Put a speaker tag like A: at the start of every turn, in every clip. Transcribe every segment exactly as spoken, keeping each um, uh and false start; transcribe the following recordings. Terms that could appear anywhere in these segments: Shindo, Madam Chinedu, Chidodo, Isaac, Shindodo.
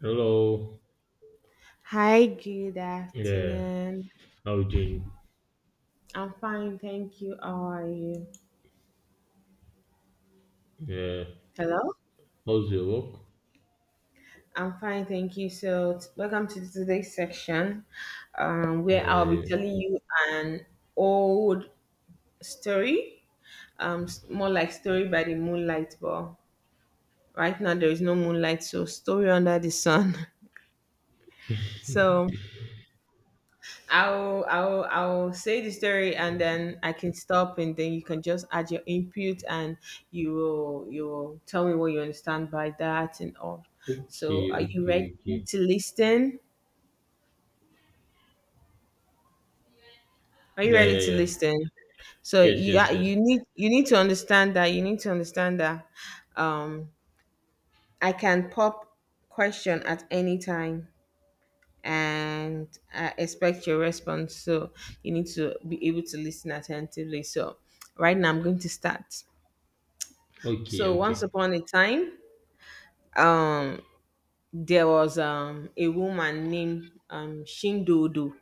A: Hello.
B: Hi, good
A: Yeah.
B: afternoon.
A: How you doing?
B: I'm fine, thank you. How are you?
A: Yeah.
B: Hello?
A: How's your work?
B: I'm fine, thank you. So, t- welcome to today's section um, where I'll be
A: Yeah.
B: telling you an old story, um, s- more like story by the moonlight, but right now there is no moonlight, so story under the sun. So, I'll I'll I'll say the story, and then I can stop, and then you can just add your input, and you will you will tell me what you understand by that and all.
A: Okay.
B: So are you
A: Okay.
B: ready
A: Okay.
B: to listen? Are you
A: Yeah. Yeah.
B: ready to
A: Yeah.
B: listen? So
A: Yes.
B: you
A: Yes.
B: are-
A: Yes.
B: you need you need to understand that you need to understand that um I can pop question at any time, and I expect your response. So you need to be able to listen attentively. So right now I'm going to start.
A: Okay.
B: So once
A: Okay.
B: upon a time, um, there was um a woman named um Shindodo,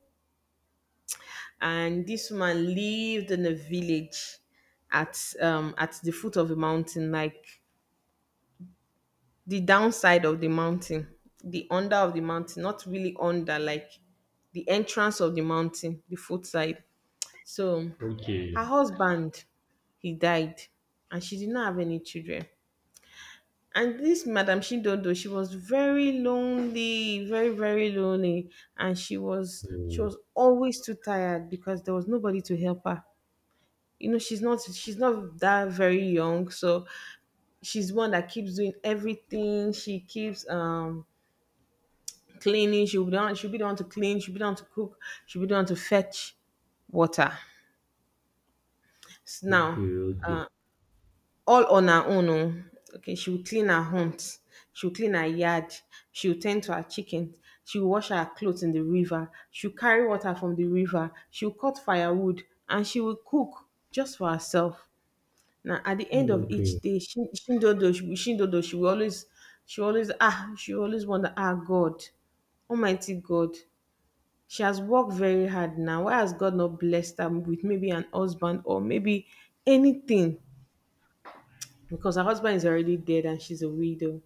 B: and this woman lived in a village at um at the foot of a mountain, like the downside of the mountain, the under of the mountain, not really under, like the entrance of the mountain, the foot side. So
A: Okay.
B: her husband, he died, and she did not have any children. And this Madam Shindodo, she was very lonely, very, very lonely. And she was she
A: Oh,
B: was always too tired because there was nobody to help her. You know, she's not she's not that very young, so she's one that keeps doing everything. She keeps um cleaning, she'll be the one, she'll be the one to clean, she'll be the one to cook, she'll be the one to fetch water. S-
A: okay.
B: Now,
A: Okay.
B: all on her own oh. Okay, she will clean her hunt, she will clean her yard, she will tend to her chickens, she will wash her clothes in the river, she will carry water from the river, she will cut firewood, and she will cook just for herself. Now, at the end of each
A: Okay.
B: day, she, Shindodo, she, will- Shindodo, she will always, she will always, ah, she will always wonder, ah, God, Almighty God, she has worked very hard now. Why has God not blessed her with maybe an husband or maybe anything? because her husband is already dead and she's a widow.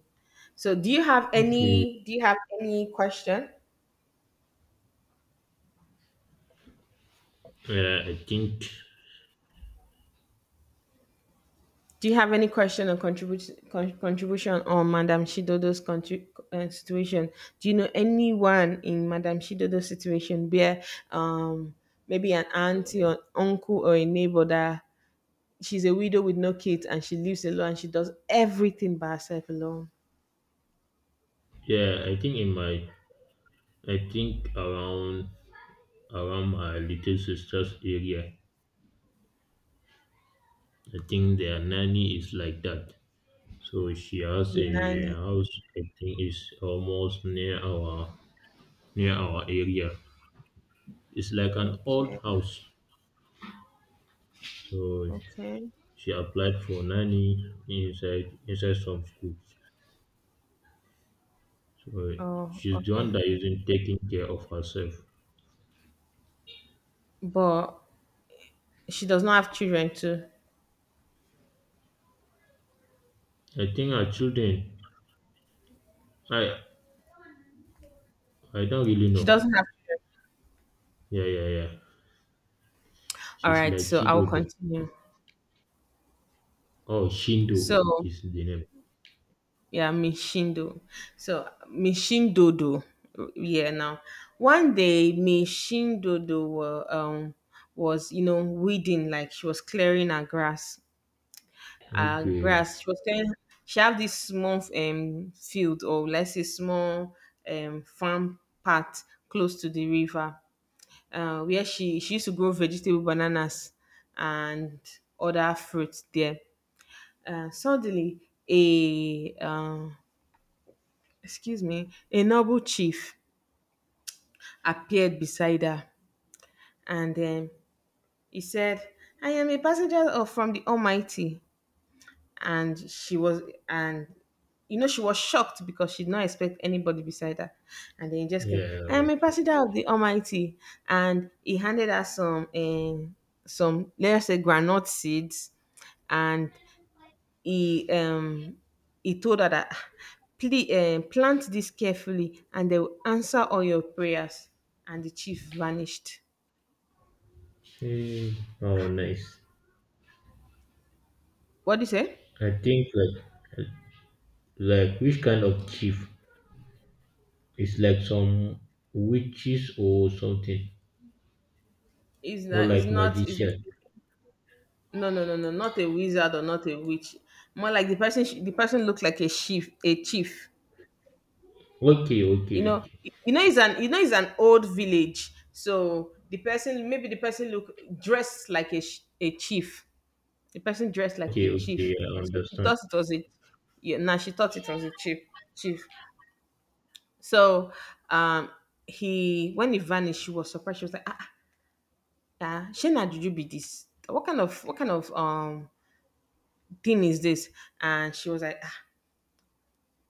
B: So do you have
A: Okay.
B: any do you have any question?
A: Yeah. I think.
B: Do you have any question or contribution con- contribution on Madame Shidodo's contri- uh, situation? Do you know anyone in Madame Shidodo's situation where um maybe an auntie or uncle or a neighbor that she's a widow with no kids and she lives alone and she does everything by herself alone?
A: Yeah, I think in my. I think around around my little sister's area. I think their nanny is like that. So she has
B: The
A: a
B: nanny.
A: house, I think, is almost near our near our area. It's like an old
B: Okay.
A: house. So
B: Okay.
A: she applied for nanny inside inside some schools. So
B: Oh,
A: she's the one
B: okay.
A: that isn't taking care of herself.
B: But She does not have children too.
A: I think her children I I don't really
B: She
A: know.
B: doesn't have children.
A: Yeah, yeah, yeah.
B: All
A: She's
B: right,
A: like
B: so I'll
A: Chidodo.
B: continue.
A: Oh, Shindo
B: So
A: is the name.
B: yeah, Mishindo. So Mishindodo. Yeah, now one day Mishindodo wa- um was you know weeding, like she was clearing her grass. Her
A: Okay.
B: grass. She was clearing. She have this small um field, or let's say small um farm part close to the river, uh, where she she used to grow vegetable, bananas, and other fruits there. Uh, suddenly, a um, excuse me, a noble chief appeared beside her, and um, he said, "I am a passenger of from the Almighty." and she was and you know she was shocked because she did not expect anybody beside her, and then he just came.
A: Yeah,
B: I am a
A: okay.
B: pastor of the almighty And he handed her some um some let's say granite seeds, and he um he told her that, please um plant this carefully and they will answer all your prayers. And the chief vanished.
A: Hmm. Oh, nice.
B: What do you say?
A: I think like Like which kind of chief? It's like some witches or something,
B: Is
A: or
B: not is
A: like
B: not is
A: magician.
B: No, no, no, no, not a wizard or not a witch. More like the person. sh- The person looks like a chief. A chief.
A: Okay,
B: You
A: okay,
B: know.
A: okay,
B: You know, it's an. You know, it's an old village. So the person, maybe the person look dressed like a sh- a chief. The person dressed like
A: okay,
B: a chief.
A: okay. I
B: So she
A: understand.
B: thought it was a. Yeah, now she thought it was a chief. Chief. So, um, he when he vanished, she was surprised. She was like, ah, ah, Shana, did you be this? What kind of what kind of um thing is this? And she was like, ah,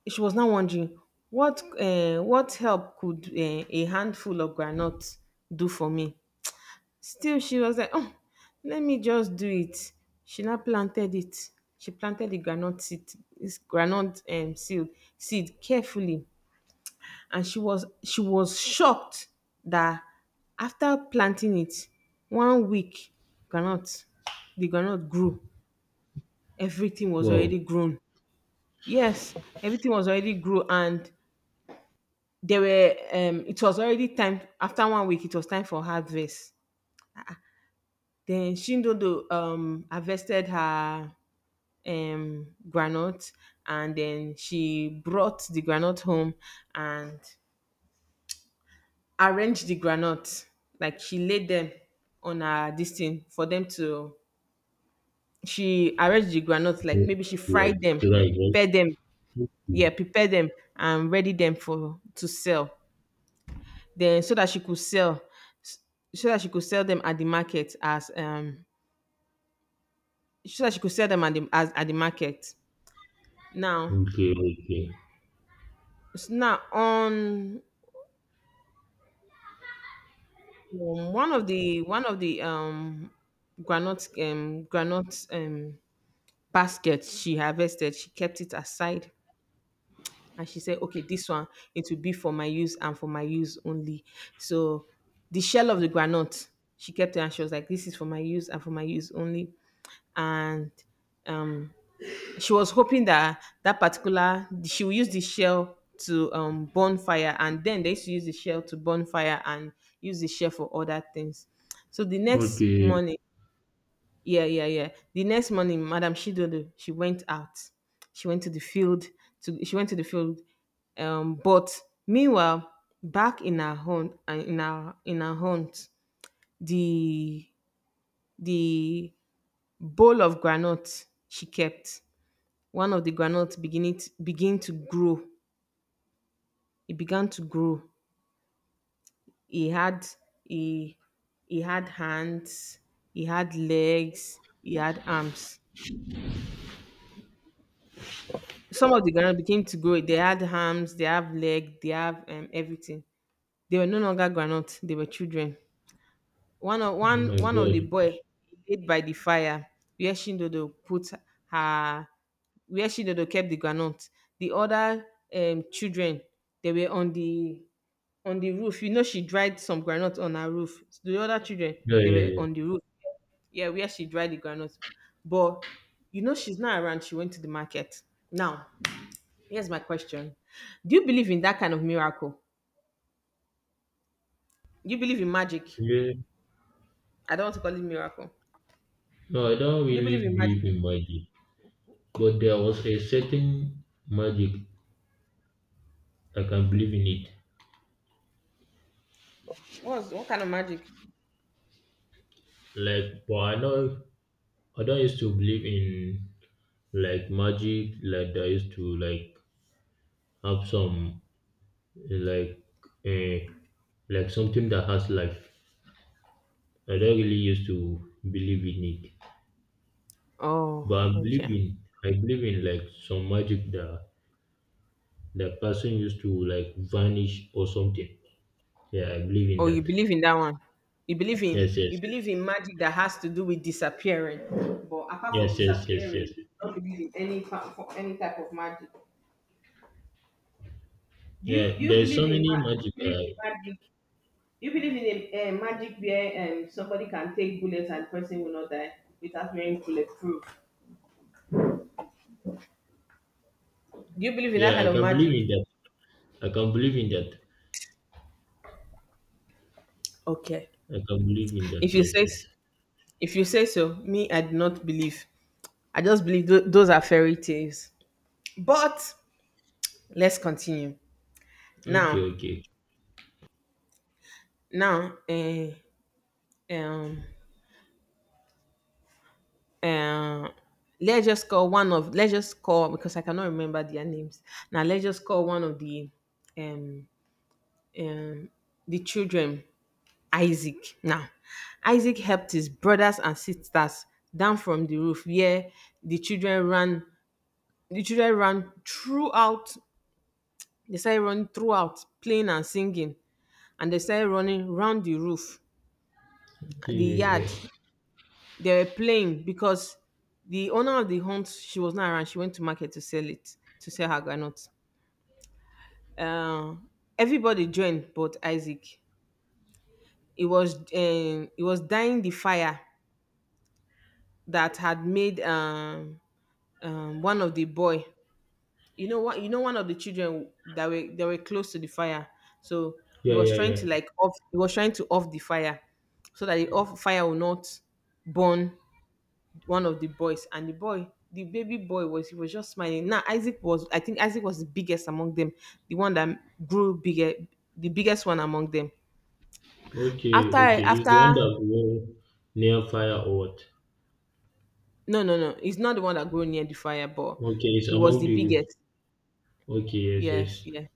B: she was now wondering what uh, what help could uh, a handful of granuts do for me. Still, she was like, oh, let me just do it. She now planted it. She planted the granite seed, this granite um, seed, seed carefully. And she was she was shocked that, after planting it one week, granite the granite grew. Everything was
A: Wow,
B: already grown. Yes, everything was already grew, and They were um it was already time. After one week, it was time for harvest. Then Shindodo um harvested her um granite, and then she brought the granite home and arranged the granite. Like, she laid them on her this thing for them to, she arranged the granite like maybe she
A: like
B: fried them,
A: right, right?
B: prepared them, yeah,
A: Okay,
B: prepared them and ready them for to sell, then so that she could sell, s- so that she could sell them at the market as um so that she could sell them at the, as at the market now.
A: okay, okay.
B: S- now, on um, one of the one of the um granite um granite um baskets she harvested, she kept it aside, and she said, okay, this one, it will be for my use and for my use only. So the shell of the granite, she kept it, and she was like, this is for my use and for my use only. And um she was hoping that that particular, she will use the shell to um burn fire, and then they used to use the shell to burn fire and use the shell for other things. So the next
A: Okay.
B: morning, yeah, yeah, yeah, the next morning Madam Shidodo, she went out. She went to the field, to she went to the field, um but meanwhile, back in her hunt, and in our, in her hunt, the the bowl of granite she kept, one of the groundnut, begin it begin to grow. It began to grow. He had he he had hands, he had legs, he had arms. Some of the groundnut began to grow. They had arms, they have leg, they have um, everything. They were no longer groundnut. They were children. One of
A: Oh
B: one
A: my
B: one of the
A: God.
B: boy laid by the fire where Shindodo put her, where Shindodo kept the groundnut. The other um, children, they were on the on the roof. You know, she dried some groundnut on her roof. The other children,
A: Yeah,
B: they
A: yeah,
B: were
A: yeah.
B: on the roof. Yeah, where she dried the groundnut. But you know, she's not around. She went to the market. Now, here's my question: Do you believe in that kind of miracle? Do you believe in magic?
A: Yeah.
B: I don't want to call it miracle.
A: No, I don't
B: Do you
A: really
B: believe in magic?
A: believe in magic, but there was a certain magic I can believe in it.
B: What's what kind of magic?
A: Like, but I know I don't used to believe in like magic like that used to like have some like uh, like something that has life. I don't really used to believe in it,
B: Oh,
A: but I believe
B: okay.
A: in I believe in like some magic that that person used to like vanish or something. Yeah, I believe in
B: Oh, you
A: that.
B: believe in that one? You believe in
A: Yes, yes,
B: you believe in magic that has to do with disappearing, but apart from
A: yes, yes, yes, yes,
B: disappearing,
A: yes.
B: you don't believe in any pa- for any type of magic. Do you
A: Yeah,
B: do you
A: there's
B: believe
A: so
B: in
A: many
B: ma- do you
A: magic.
B: believe in
A: Uh,
B: magic? Do you believe in a, uh, magic where um somebody can take bullets and the person will not die without wearing bulletproof? Do you believe in that
A: yeah,
B: kind
A: I
B: of
A: can believe
B: magic?
A: in that. I can believe in that.
B: Okay.
A: I can believe in
B: If
A: that.
B: you
A: Yes,
B: say s-
A: yes.
B: if you say so, me, I do not believe. I just believe tho- those are fairy tales. But let's continue.
A: Okay,
B: Now,
A: okay, okay.
B: now, eh, um, um, let's just call one of let's just call, because I cannot remember their names. Now let's just call one of the um um, the children Isaac. Now, Isaac helped his brothers and sisters down from the roof, where the children ran. The children ran throughout. They started running throughout, playing and singing, and they started running round the roof,
A: Okay,
B: the yard.
A: yeah.
B: They were playing because the owner of the hunt, she was not around. She went to market to sell it, to sell her granuts. Uh, Everybody joined but Isaac. It was um, it was dying, the fire, that had made um, um, one of the boy, you know what you know one of the children, that were they were close to the fire, so he
A: Yeah,
B: was
A: yeah,
B: trying
A: yeah.
B: to like off he was trying to off the fire, so that the off fire will not burn one of the boys. And the boy the baby boy was he was just smiling. Now isaac was i think Isaac was the biggest among them, the one that grew bigger, the biggest one among them.
A: Okay,
B: after
A: okay. It's the one
B: after
A: that go near fire or what?
B: No, no, no, he's not the one that grew near the fire, but
A: Okay, it's
B: he was
A: among
B: the
A: the roof.
B: biggest.
A: Okay, yes,
B: Yes,
A: yes.
B: yes.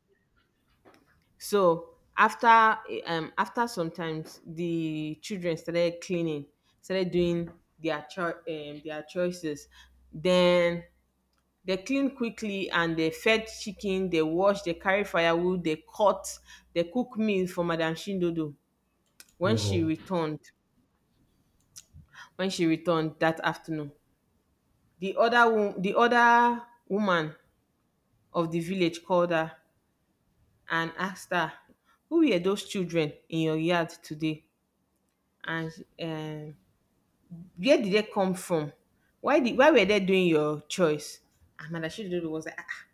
B: So after um after sometimes the children started cleaning, started doing their cho- um, their choices. Then they clean quickly, and they fed chicken, they wash, they carry firewood, they cut, they cook meal for Madam Shindodo when she
A: Wow.
B: returned. When she returned that afternoon, the other wo- the other woman of the village called her and asked her, who were those children in your yard today, and um where did they come from? Why did why were they doing your choice? And Madam Chidindu was like, ah, ah,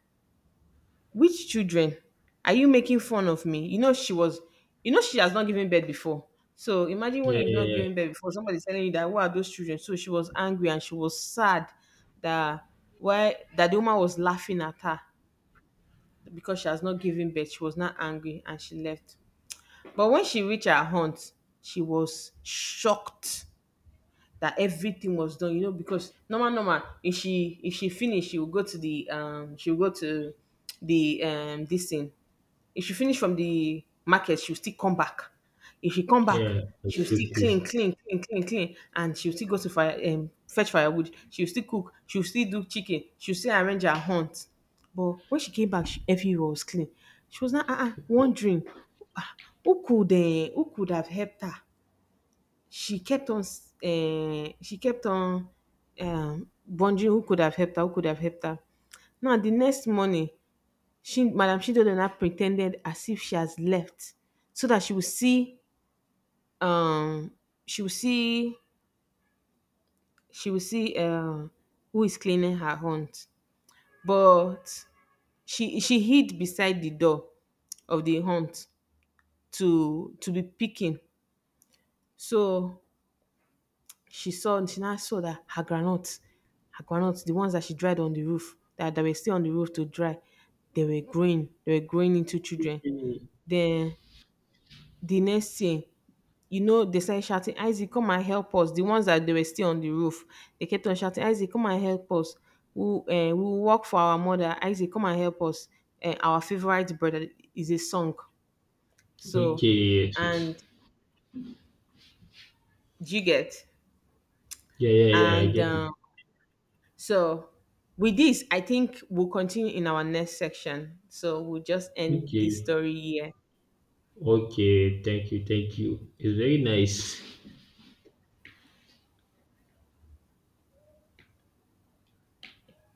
B: which children? Are you making fun of me? You know she was, you know she has not given birth before. So imagine when
A: Yeah,
B: you've
A: yeah,
B: not given
A: yeah.
B: birth before, somebody's telling you that, who are those children? So she was angry and she was sad that, why that the woman was laughing at her because she has not given birth. She was not angry, and she left. But when she reached her aunt, she was shocked that everything was done, you know, because normal normal if she if she finish, she will go to the um she will go to the um this thing. If she finish from the market, she'll still come back. If she come back,
A: Yeah, I
B: she'll
A: still
B: still clean,
A: cook.
B: clean, clean, clean, clean, and she'll still go to fire um fetch firewood. She'll still cook. She'll still do chicken. She'll still arrange her hunt. But when she came back, she, everywhere was clean. She was not uh-uh, wondering, ah, who could uh, who could have helped her. She kept on um she kept on um wondering, who could have helped her, who could have helped her. Now, the next morning, she, Madam Chinedu, now pretended as if she has left, so that she will see, um, she will see, she will see uh, who is cleaning her hunt. But she she hid beside the door of the hunt, to to be picking. So she saw she now saw that her groundnuts, her groundnuts, the ones that she dried on the roof, that, that were still on the roof to dry, they were growing. They were growing into children.
A: Okay.
B: Then the next year, you know, they started shouting, Isaac, come and help us. The ones that they were still on the roof, they kept on shouting, Isaac, come and help us. We uh, we will work for our mother. Isaac, come and help us. Uh, our favorite brother is a song.
A: Okay,
B: So,
A: yes, yes.
B: and you get
A: Yeah, yeah, yeah. I
B: and.
A: get it.
B: Um, So, with this, I think we'll continue in our next section. So, we'll just end this
A: Okay.
B: story here.
A: Okay, thank you, thank you. It's very nice.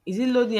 B: Is it loading?